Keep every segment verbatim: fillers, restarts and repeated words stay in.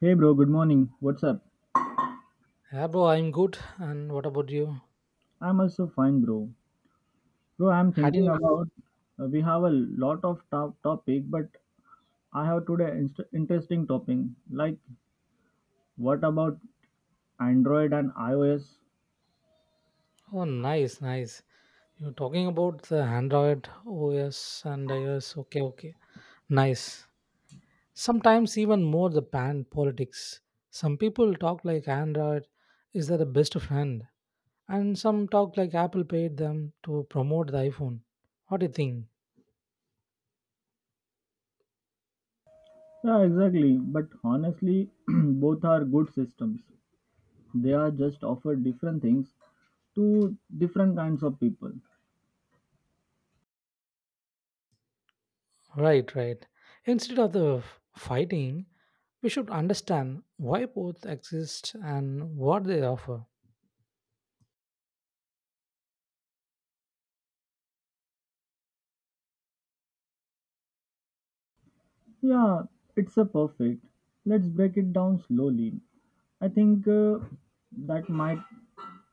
Hey bro, good morning. What's up? Yeah, bro, I'm good. And what about you? I'm also fine, bro. Bro, I'm Had thinking you? about uh, we have a lot of top topic, but I have today inst- interesting topic. Like, what about Android and iOS? Oh, nice, nice. You're talking about the Android O S and iOS. Okay, okay. Nice. Sometimes even more the pan politics. Some people talk like Android is their best friend, and some talk like Apple paid them to promote the iPhone. What do you think? Yeah, exactly. But honestly, both are good systems. They are just offer different things to different kinds of people. Right, right. Instead of the f- fighting, we should understand why both exist and what they offer. Yeah, it's a perfect. Let's break it down slowly. I think uh, that might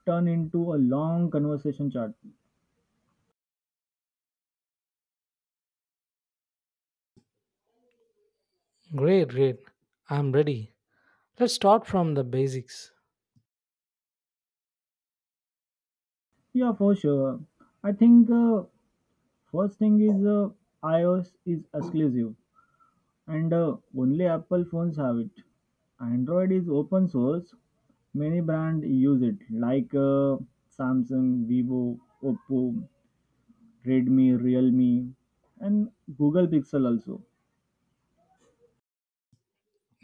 turn into a long conversation chat. Great, great. I'm ready. Let's start from the basics. Yeah, for sure. I think uh, first thing is uh, iOS is exclusive and uh, only Apple phones have it. Android is open source. Many brands use it like uh, Samsung, Vivo, Oppo, Redmi, Realme and Google Pixel also.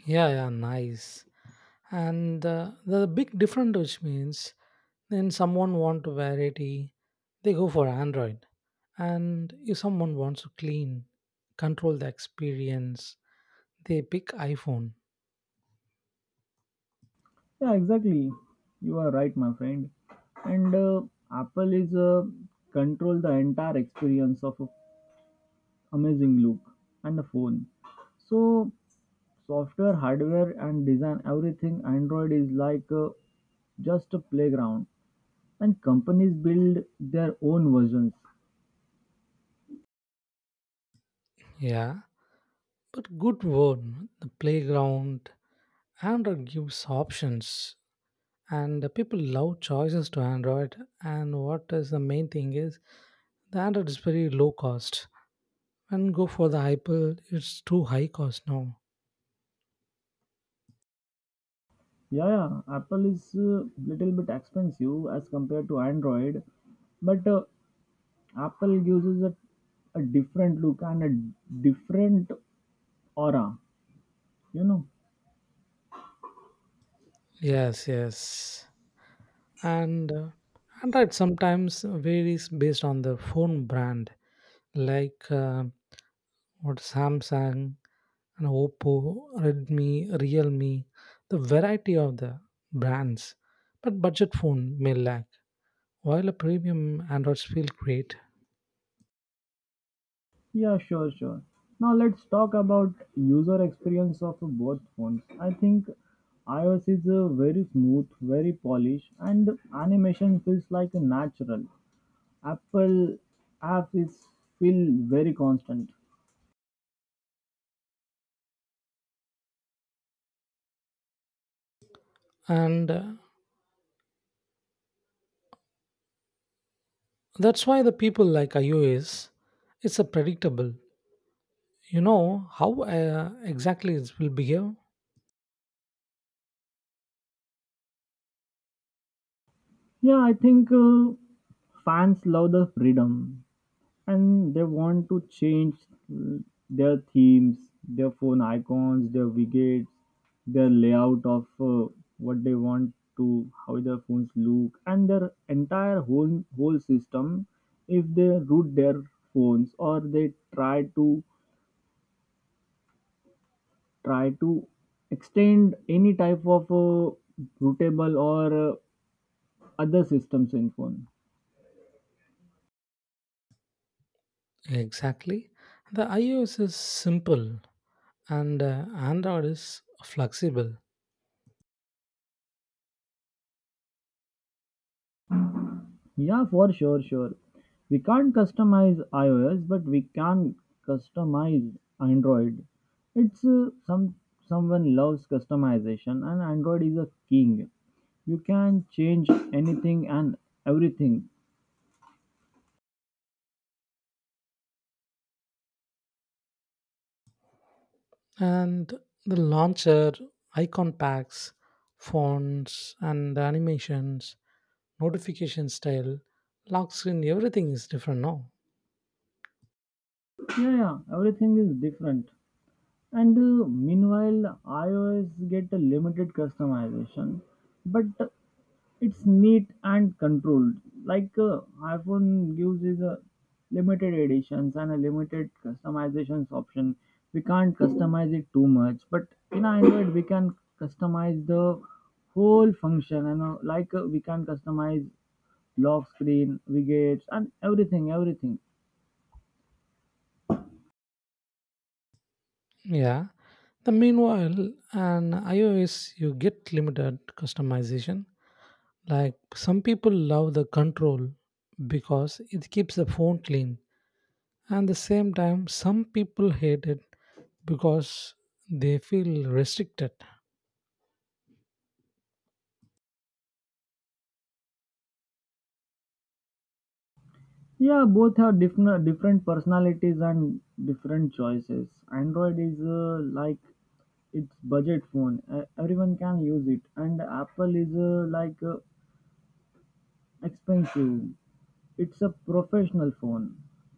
Yeah, yeah, nice. And uh, the big difference which means then someone want variety, they go for Android. And if someone wants to clean, control the experience, they pick iPhone. Yeah, exactly. You are right, my friend. And uh, Apple is uh, control the entire experience of a amazing look and a phone. So software, hardware, and design everything. Android is like uh, just a playground, and companies build their own versions. Yeah, but good word. The playground, Android gives options, and the people love choices to Android. And what is the main thing is the Android is very low cost. And go for the Apple, it's too high cost now. Yeah, yeah. Apple is uh, little bit expensive as compared to Android, but uh, Apple gives us a, a different look and a different aura. You know. Yes, yes. And uh, Android sometimes varies based on the phone brand, like uh, what Samsung and Oppo, Redmi, Realme, the variety of the brands. But budget phone may lack, while a premium Androids feel great. Yeah, sure, sure. Now let's talk about user experience of both phones. I think iOS is uh, very smooth, very polished, and animation feels like natural. Apple apps is feel very constant. And uh, that's why the people like iOS, it's a predictable. You know how uh, exactly it will behave. Yeah, I think uh, fans love the freedom, and they want to change mm, their themes, their phone icons, their widgets, their layout of uh, what they want to, how their phones look, and their entire whole whole system. If they root their phones or they try to try to extend any type of uh, rootable or uh, other systems in phone. Exactly, the iOS is simple, and uh, Android is flexible. Yeah, for sure, sure. We can't customize iOS, but we can customize Android. It's uh, some someone loves customization, and Android is a king. You can change anything and everything. And the launcher, icon packs, fonts and animations, notification style, lock screen, everything is different now. Yeah, yeah, everything is different. And uh, meanwhile, iOS get a limited customization, but it's neat and controlled. Like uh, iPhone gives is a limited editions and a limited customizations option. We can't customize it too much, but in Android we can customize the whole function. And uh, like uh, we can customize lock screen, widgets, and everything, everything. Yeah, the meanwhile an iOS you get limited customization, like some people love the control because it keeps the phone clean, and the same time some people hate it because they feel restricted. Yeah, both have different different personalities and different choices. Android is uh, like it's budget phone. Uh, everyone can use it, and Apple is uh, like uh, expensive. It's a professional phone,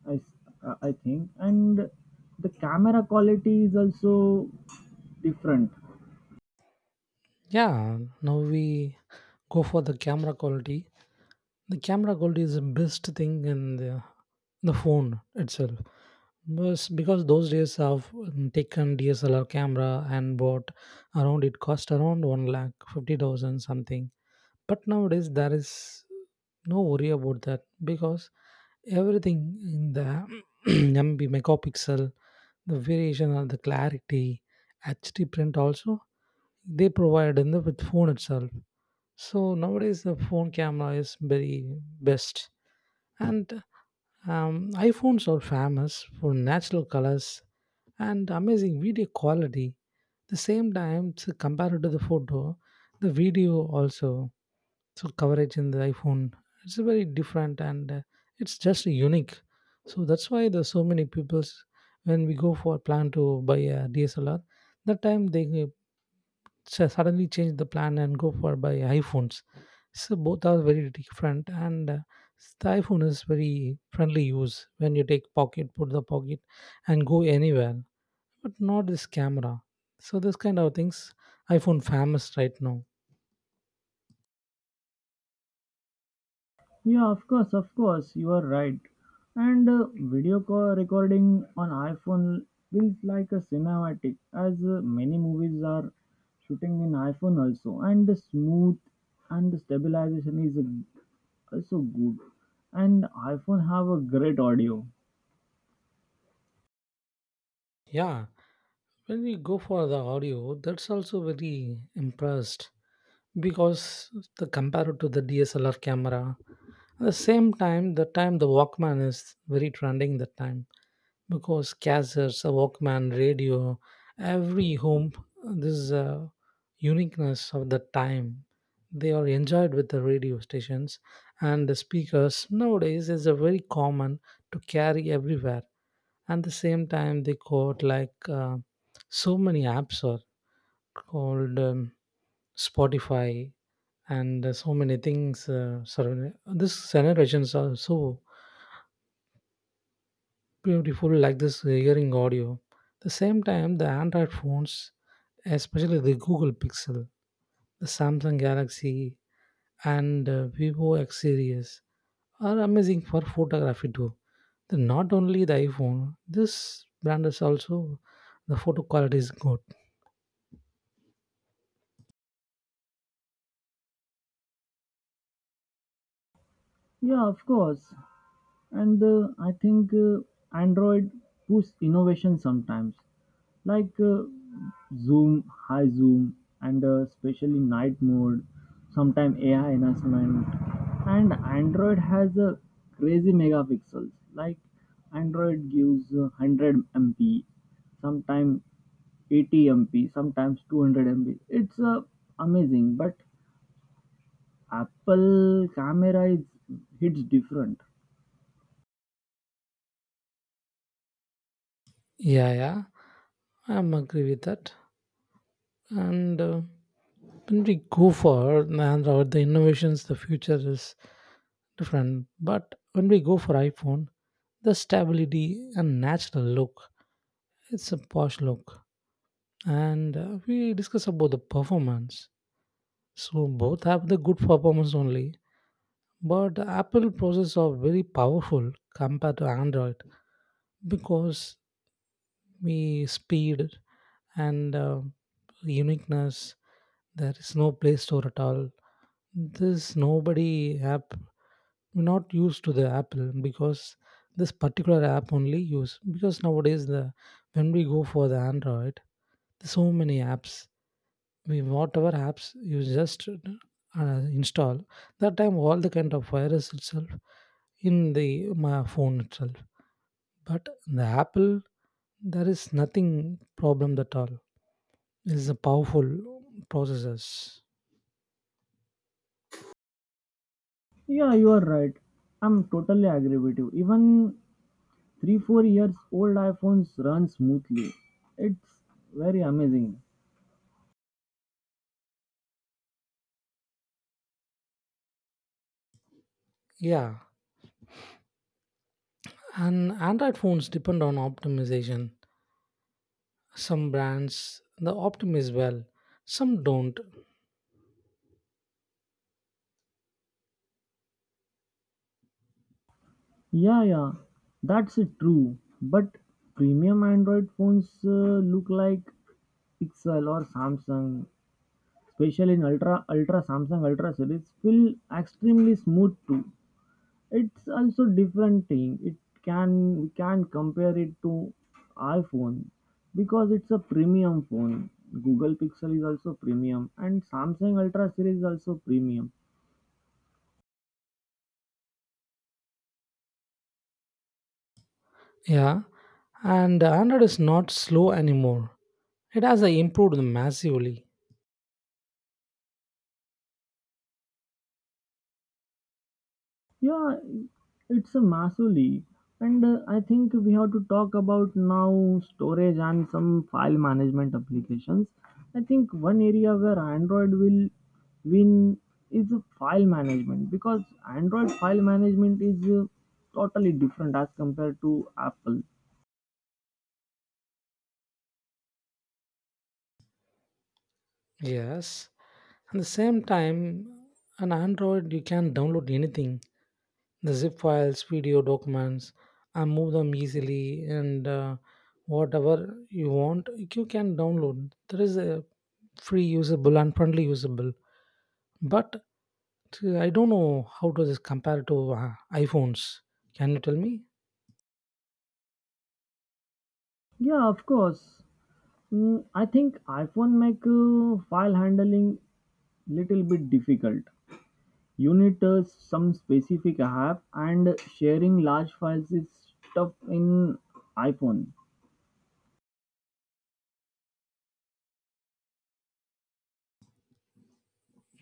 I s- uh, I think, and the camera quality is also different. Yeah, now we go for the camera quality. The camera quality is the best thing in the, the phone itself. Was because those days i've mm, taken DSLR camera and bought around, it cost around one lakh fifty thousand something. But nowadays there is no worry about that, because everything in the M B megapixel, the variation of the clarity, H D print also they provide in the with phone itself. So nowadays the phone camera is very best, and um, iPhones are famous for natural colors and amazing video quality. The same time, to compared to the photo, the video also, so coverage in the iPhone, it's very different, and uh, it's just unique. So that's why there's so many people's, when we go for plan to buy a DSLR, that time they uh, su- suddenly change the plan and go for buy iPhones. So both are very different, and uh, the iPhone is very friendly use, when you take pocket, put the pocket and go anywhere, but not this camera. So this kind of things iPhone famous right now. Yeah, of course, of course, you are right. And uh, video call recording on iPhone feels like a cinematic, as uh, many movies are shooting in iPhone also. And the smooth and the stabilization is uh, also good. And iPhone have a great audio. Yeah, when we go for the audio, that's also very impressed, because the compared to the DSLR camera, at the same time the time the Walkman is very trending that time, because cassettes, a Walkman, radio, every home, this is a uniqueness of the time. They are enjoyed with the radio stations and the speakers. Nowadays, is a very common to carry everywhere. At the same time, they got like uh, so many apps are called um, Spotify and uh, so many things. Uh, surrounding- this generations are so beautiful like this uh, hearing audio. The same time, the Android phones, especially the Google Pixel, the Samsung Galaxy, and uh, Vivo X series, are amazing for photography too. The, not only the iPhone, this brand is also, the photo quality is good. Yeah, of course. And uh, I think uh, Android push innovation sometimes, like uh, zoom high zoom and uh, especially night mode, sometime AI enhancement. And Android has a crazy megapixels. Like Android gives uh, one hundred M P MP sometime, eighty M P MP sometimes, two hundred M P MP. It's uh, amazing, but Apple camera is hits different. Yeah, yeah, I'm agree with that. And uh, when we go for Android, the innovations, the future is different. But when we go for iPhone, the stability and natural look, it's a posh look. And uh, we discuss about the performance. So both have the good performance only. But the Apple processors are very powerful compared to Android, because me speed and uh, uniqueness. There is no Play Store at all. This nobody app we're not used to the Apple, because this particular app only use, because nowadays the, when we go for the Android, there's so many apps. We whatever apps you just uh, install, that time all the kind of virus itself in the my phone itself. But the Apple, there is nothing problem at all. It's a powerful processors. Yeah, you are right. I'm totally agree with you. Even three, four years old iPhones run smoothly. It's very amazing. Yeah, and Android phones depend on optimization. Some brands the optimize well, some don't. Yeah, yeah, that's it, true. But premium Android phones uh, look like Pixel or Samsung, especially in Ultra, Ultra Samsung Ultra series, feel extremely smooth too. It's also different thing. It can we can compare it to iPhone because it's a premium phone. Google Pixel is also premium and Samsung Ultra series is also premium. Yeah, and Android is not slow anymore. It has uh, improved massively. Yeah, it's a massive league, and uh, I think we have to talk about now storage and some file management applications. I think one area where Android will win is uh, file management, because Android file management is uh, totally different as compared to Apple. Yes, at the same time, on Android you can download anything, the zip files, video documents, and move them easily. And uh, whatever you want, you can download. There is a free usable and friendly usable. But I I don't know how does this compare to uh, iPhones. Can you tell me? Yeah, of course. Mm, I think iPhone make uh, file handling little bit difficult. Uniters some specific app and sharing large files is tough in iPhone.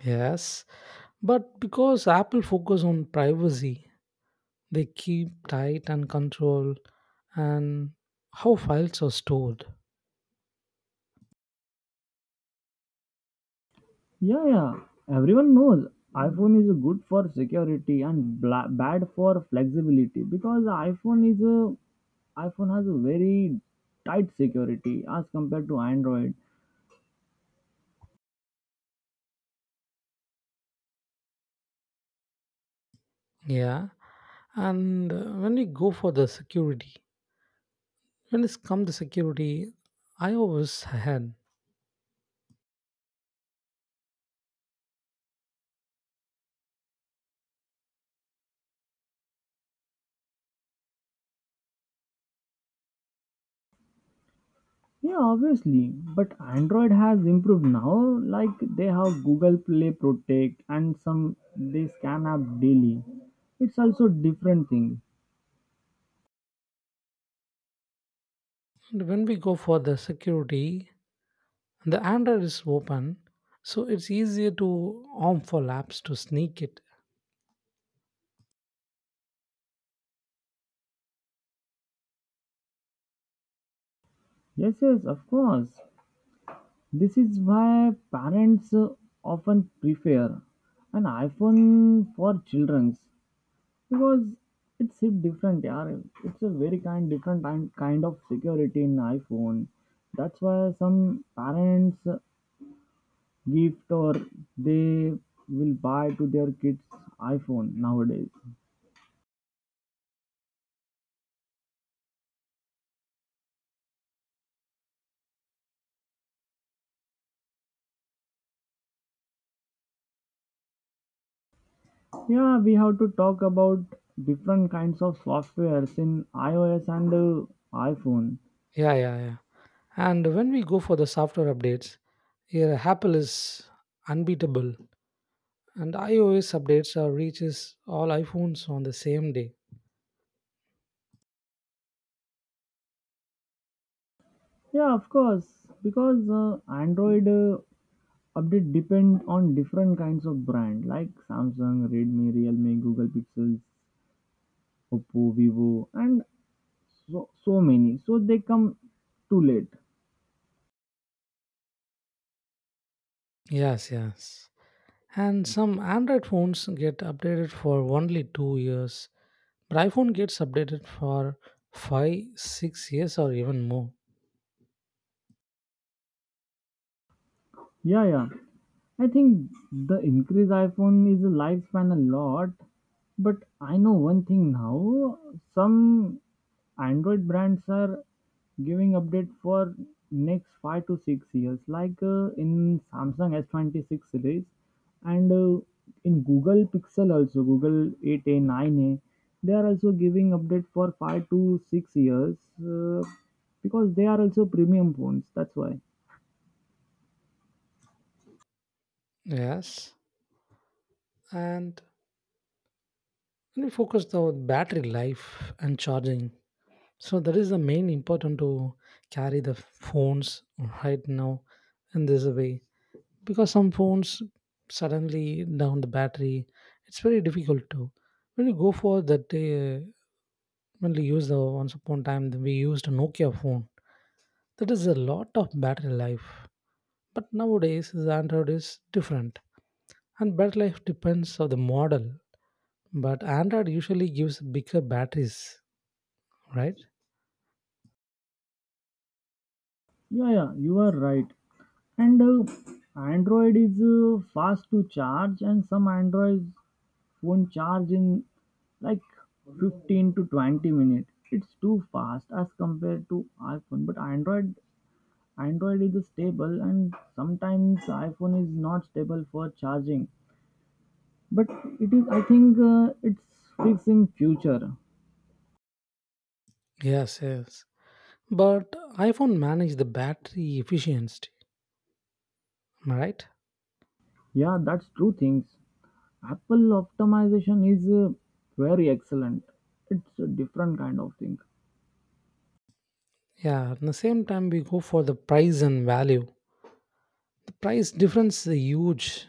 Yes, but because Apple focus on privacy, they keep tight and control and how files are stored. Yeah, yeah. Everyone knows iPhone is good for security and bla- bad for flexibility, because iPhone is a iPhone has a very tight security as compared to Android. Yeah, and uh, when we go for the security, when it's come the security, I always had. Yeah, obviously, but Android has improved now. Like they have Google Play Protect, and some they scan app daily. It's also different thing. And when we go for the security, the Android is open, so it's easier to arm for apps to sneak it. Yes, yes, of course. This is why parents uh, often prefer an iPhone for children's, because it's a different. Yeah, it's a very kind different kind kind of security in iPhone. That's why some parents gift or they will buy to their kids iPhone nowadays. Yeah, we have to talk about different kinds of softwares in iOS and uh, iPhone. Yeah, yeah, yeah. And when we go for the software updates, here Apple is unbeatable, and iOS updates are reaches all iPhones on the same day. Yeah, of course, because uh, Android uh, update depend on different kinds of brand like Samsung, Redmi, Realme, Google Pixels, Oppo, Vivo, and so so many. So they come too late. Yes, yes. And some Android phones get updated for only two years. But iPhone gets updated for five, six years or even more. Yeah, yeah. I think the increased iPhone is a lifespan a lot, but I know one thing now. Some Android brands are giving update for next five to six years, like uh, in Samsung S twenty-six series, and uh, in Google Pixel also Google eight A nine A. They are also giving update for five to six years uh, because they are also premium phones. That's why. Yes. And we focus the battery life and charging. So that is the main important to carry the phones right now in this way. Because some phones suddenly down the battery, it's very difficult to. When you go for that day, when we use the once upon time, we used a Nokia phone. That is a lot of battery life. But nowadays, the Android is different, and battery life depends on the model. But Android usually gives bigger batteries, right? Yeah, yeah, you are right. And uh, Android is uh, fast to charge, and some Android phone charge in like fifteen to twenty minutes. It's too fast as compared to iPhone. But Android, Android is stable, and sometimes iPhone is not stable for charging. But it is, I think, uh, it's fixed in future. Yes, yes. But iPhone manage the battery efficiency, am I right? Yeah, that's true things. Apple optimization is uh, very excellent. It's a different kind of thing. Yeah. At the same time, we go for the price and value. The price difference is huge.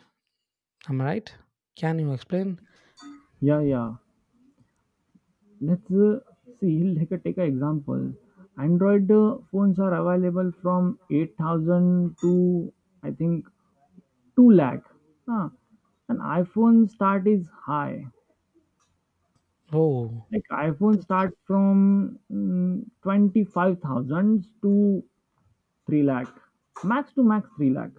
Am I right? Can you explain? Yeah, yeah. Let's uh, see. Like, uh, take an example. Android uh, phones are available from eight thousand to, I think, two lakh. Huh. And iPhone start is high. Oh, Like iPhone the- start from mm, twenty-five thousand to three lakh. Max to max three lakh.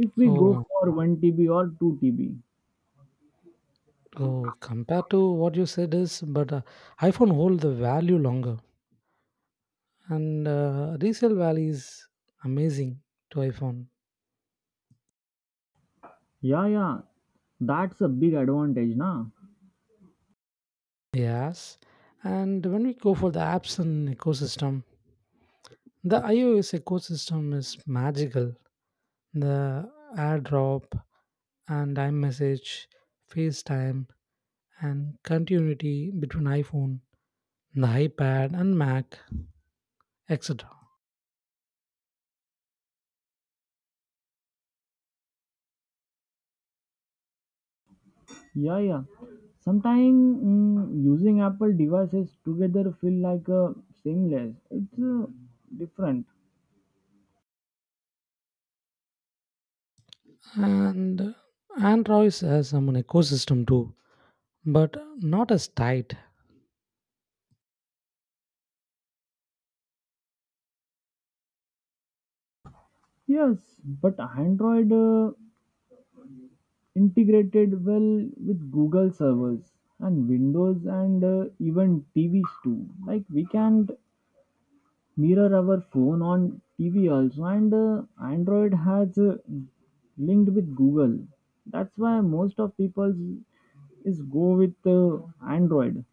If we go oh, for one T B or two T B. oh. Compared to what you said is, but uh, iPhone hold the value longer. and uh, resale value is amazing to iPhone. Yeah, yeah, that's a big advantage, na. Yes, and when we go for the apps and ecosystem, the iOS ecosystem is magical. The AirDrop and iMessage, FaceTime, and continuity between iPhone, the iPad and Mac, etc. Yeah, yeah. Sometimes mm, using Apple devices together feel like uh, seamless. It's uh, different. And Android has some ecosystem too, but not as tight. Yes, but Android uh, integrated well with Google servers and Windows and uh, even T Vs too. Like we can mirror our phone on T V also, and uh, Android has uh, linked with Google. That's why most of people is go with uh, Android.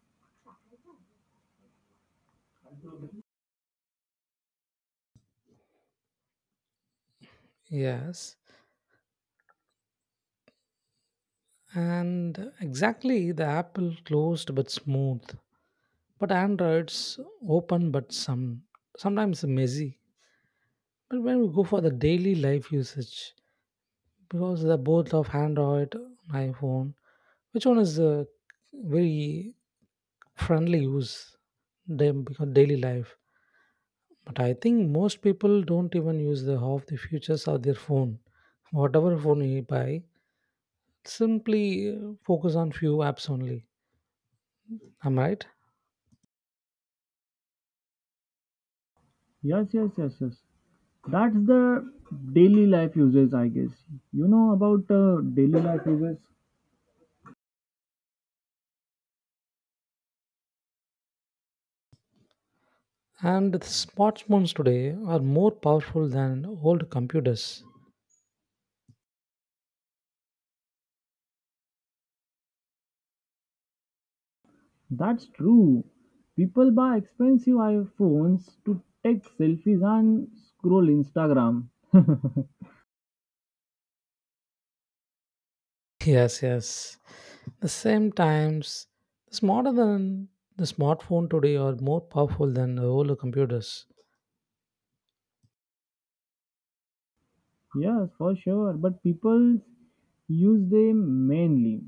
Yes, and exactly, the Apple closed but smooth, but Android's open but some, sometimes messy. But when we go for the daily life usage, because the both of Android, iPhone, which one is uh, very friendly use them because daily life. But I think most people don't even use the half the features of their phone. Whatever phone you buy, simply uh, focus on few apps only. Am I right? Yes, yes, yes, yes. That's the daily life uses, I guess. You know about uh, daily life uses? And the smartphones today are more powerful than old computers. That's true. People buy expensive iPhones to take selfies and scroll Instagram. Yes, yes. The same times, the smarter than the smartphone today are more powerful than the older computers. Yes, for sure. But people use them mainly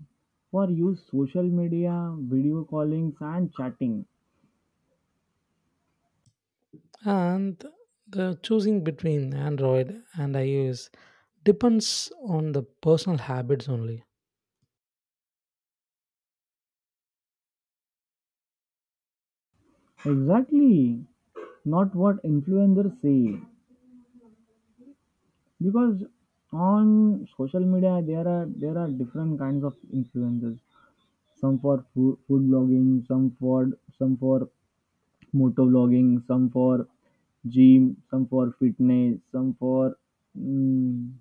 for use social media, video callings, and chatting. And the choosing between Android and iOS depends on the personal habits only. Exactly, not what influencers say. Because on social media there are there are different kinds of influencers. Some for food, food blogging, some for some for motor blogging, some for gym, some for fitness, some for mm,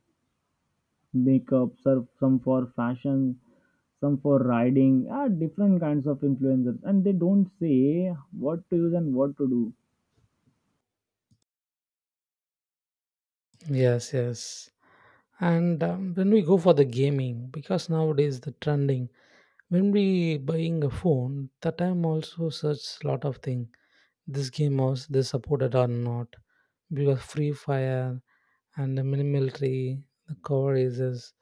makeup, sur- some for fashion, some for riding, ah, different kinds of influencers, and they don't say what to use and what to do. Yes, yes. And um, when we go for the gaming, because nowadays the trending, when we buying a phone, that time also search lot of thing. This game was they supported or not, because Free Fire and the mini military, the cover races,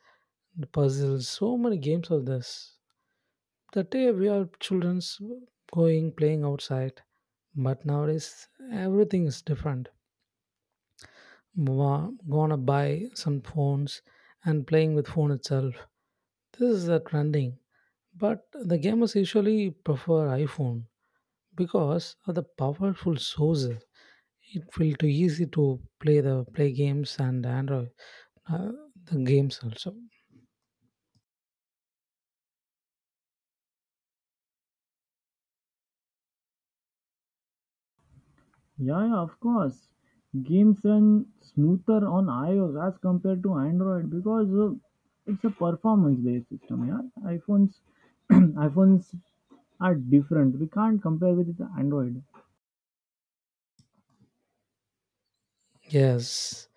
the puzzles, so many games of this. That day we are children's going playing outside, but nowadays everything is different. Wa- Gonna buy some phones and playing with phone itself. This is a trending, but the gamers usually prefer iPhone because of the powerful source, it will too easy to play the play games. And Android uh, the games also. Yeah, yeah, of course. Games run smoother on iOS as compared to Android, because uh, it's a performance-based system. Yeah, iPhones, iPhones are different. We can't compare with the Android. Yes,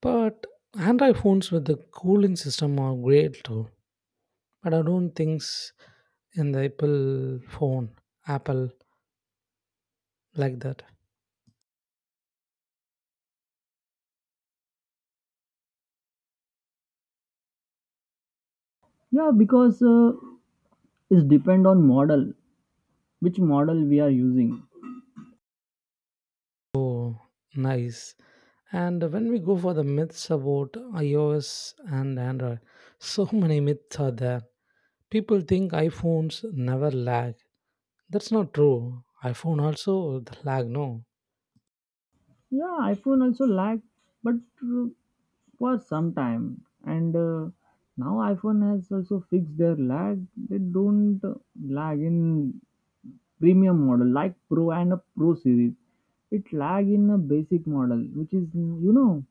but Android phones with the cooling system are great too, but I don't think in the Apple phone Apple like that. Yeah, because uh, it's depend on model, which model we are using. Oh, nice. And when we go for the myths about iOS and Android, so many myths are there. People think iPhones never lag. That's not true. iPhone also the lag, no. Yeah, iPhone also lag, but uh, for some time. And uh, now iPhone has also fixed their lag. They don't lag in premium model like pro and a pro series. It lag in a basic model, which is, you know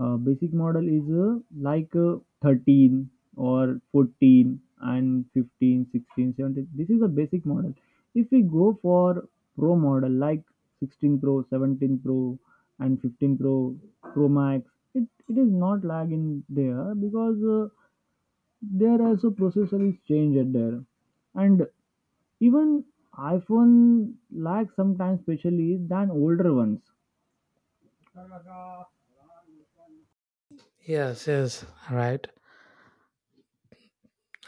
uh, basic model is uh, like uh, thirteen or fourteen and fifteen sixteen seventeen. This is a basic model. If we go for pro model like sixteen pro seventeen pro and fifteen pro pro max, it, it is not lag in there, because uh, there also processor is changed there. And even iPhone lags sometimes, especially than older ones. Yes, yes, right.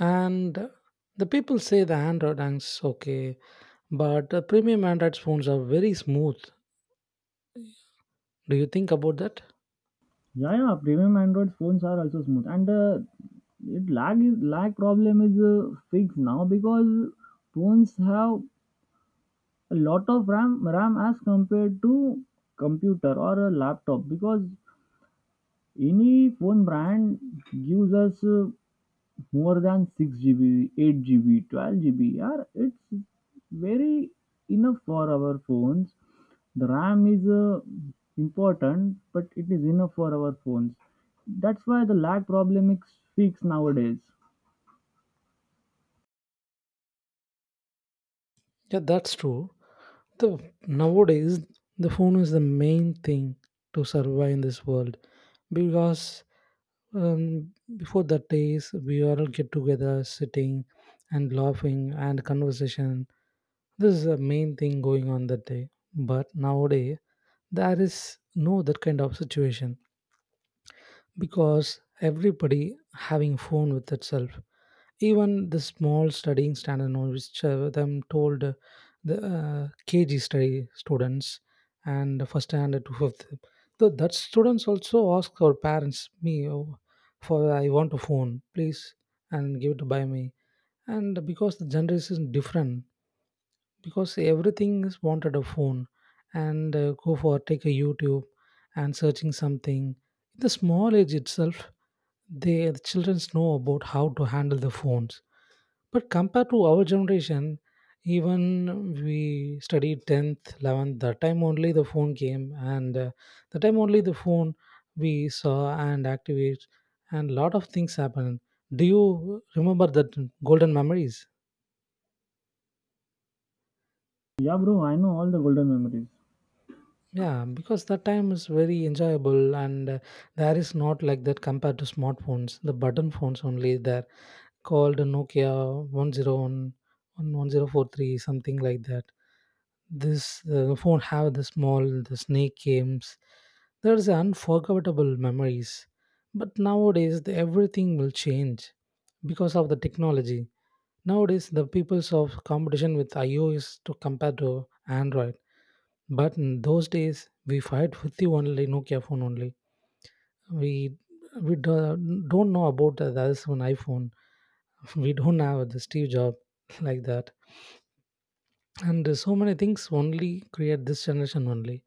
And the people say the Android is okay, but the premium Android phones are very smooth. Do you think about that? Yeah, yeah, premium Android phones are also smooth, and uh, it lag is lag problem is uh, fixed now, because phones have a lot of RAM RAM as compared to computer or a laptop, because any phone brand gives us. Uh, more than six G B, eight G B, twelve G B. Yeah, it's very enough for our phones. The RAM is uh, important, but it is enough for our phones. That's why the lag problem is fixed nowadays. Yeah, that's true. The nowadays, the phone is the main thing to survive in this world, because um, before that days we all get together, sitting and laughing and conversation. This is the main thing going on that day. But nowadays, there is no that kind of situation, because everybody having phone with itself. Even the small studying standard, now, which uh, them told uh, the uh, K G study students and first standard to fifth, so that students also ask our parents, me, oh, for I want a phone, please, and give it by me. And because the generation is different, because everything is wanted a phone, and uh, go for take a YouTube and searching something in the small age itself, they the children know about how to handle the phones. But compared to our generation, even we studied tenth, eleventh, that time only the phone came, and uh, the time only the phone we saw and activate, and lot of things happened. Do you remember that golden memories? Yeah, bro, I know all the golden memories. Yeah, because that time is very enjoyable, and uh, there is not like that compared to smartphones. The button phones only there, called Nokia one oh one, something like that. This uh, phone have the small the snake games. There is unforgettable memories. But nowadays the, everything will change because of the technology. Nowadays the people's of competition with iOS to compare to Android, but in those days, we fight with the only Nokia phone only. We we do, don't know about the other one iPhone. We don't have the Steve Jobs like that. And so many things only create this generation only.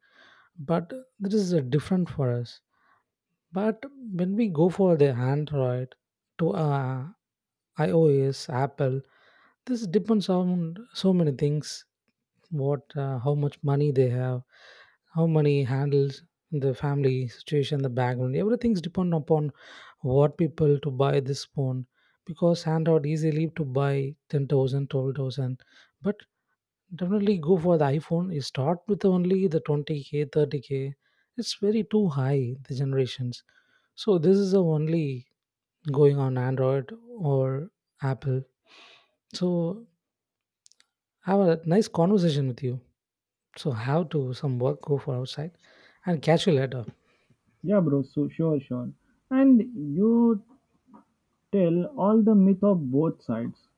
But this is uh, different for us. But when we go for the Android to uh, iOS, Apple, this depends on so many things, what uh, how much money they have, how money handles, the family situation, the background, everything's depend upon what people to buy this phone. Because handout easily to buy ten thousand, twelve thousand, but definitely go for the iPhone you start with only the twenty k, thirty k. It's very too high the generations. So this is the only going on Android or Apple. So, have a nice conversation with you. So how to some work go for outside, and catch you later. Yeah, bro, so sure, sure. And you tell all the myth of both sides.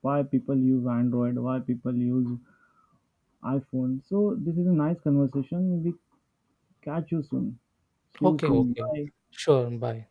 Why people use Android, why people use iPhone. So this is a nice conversation. We Catch you soon. See you Okay, soon. okay. Bye. Sure, bye.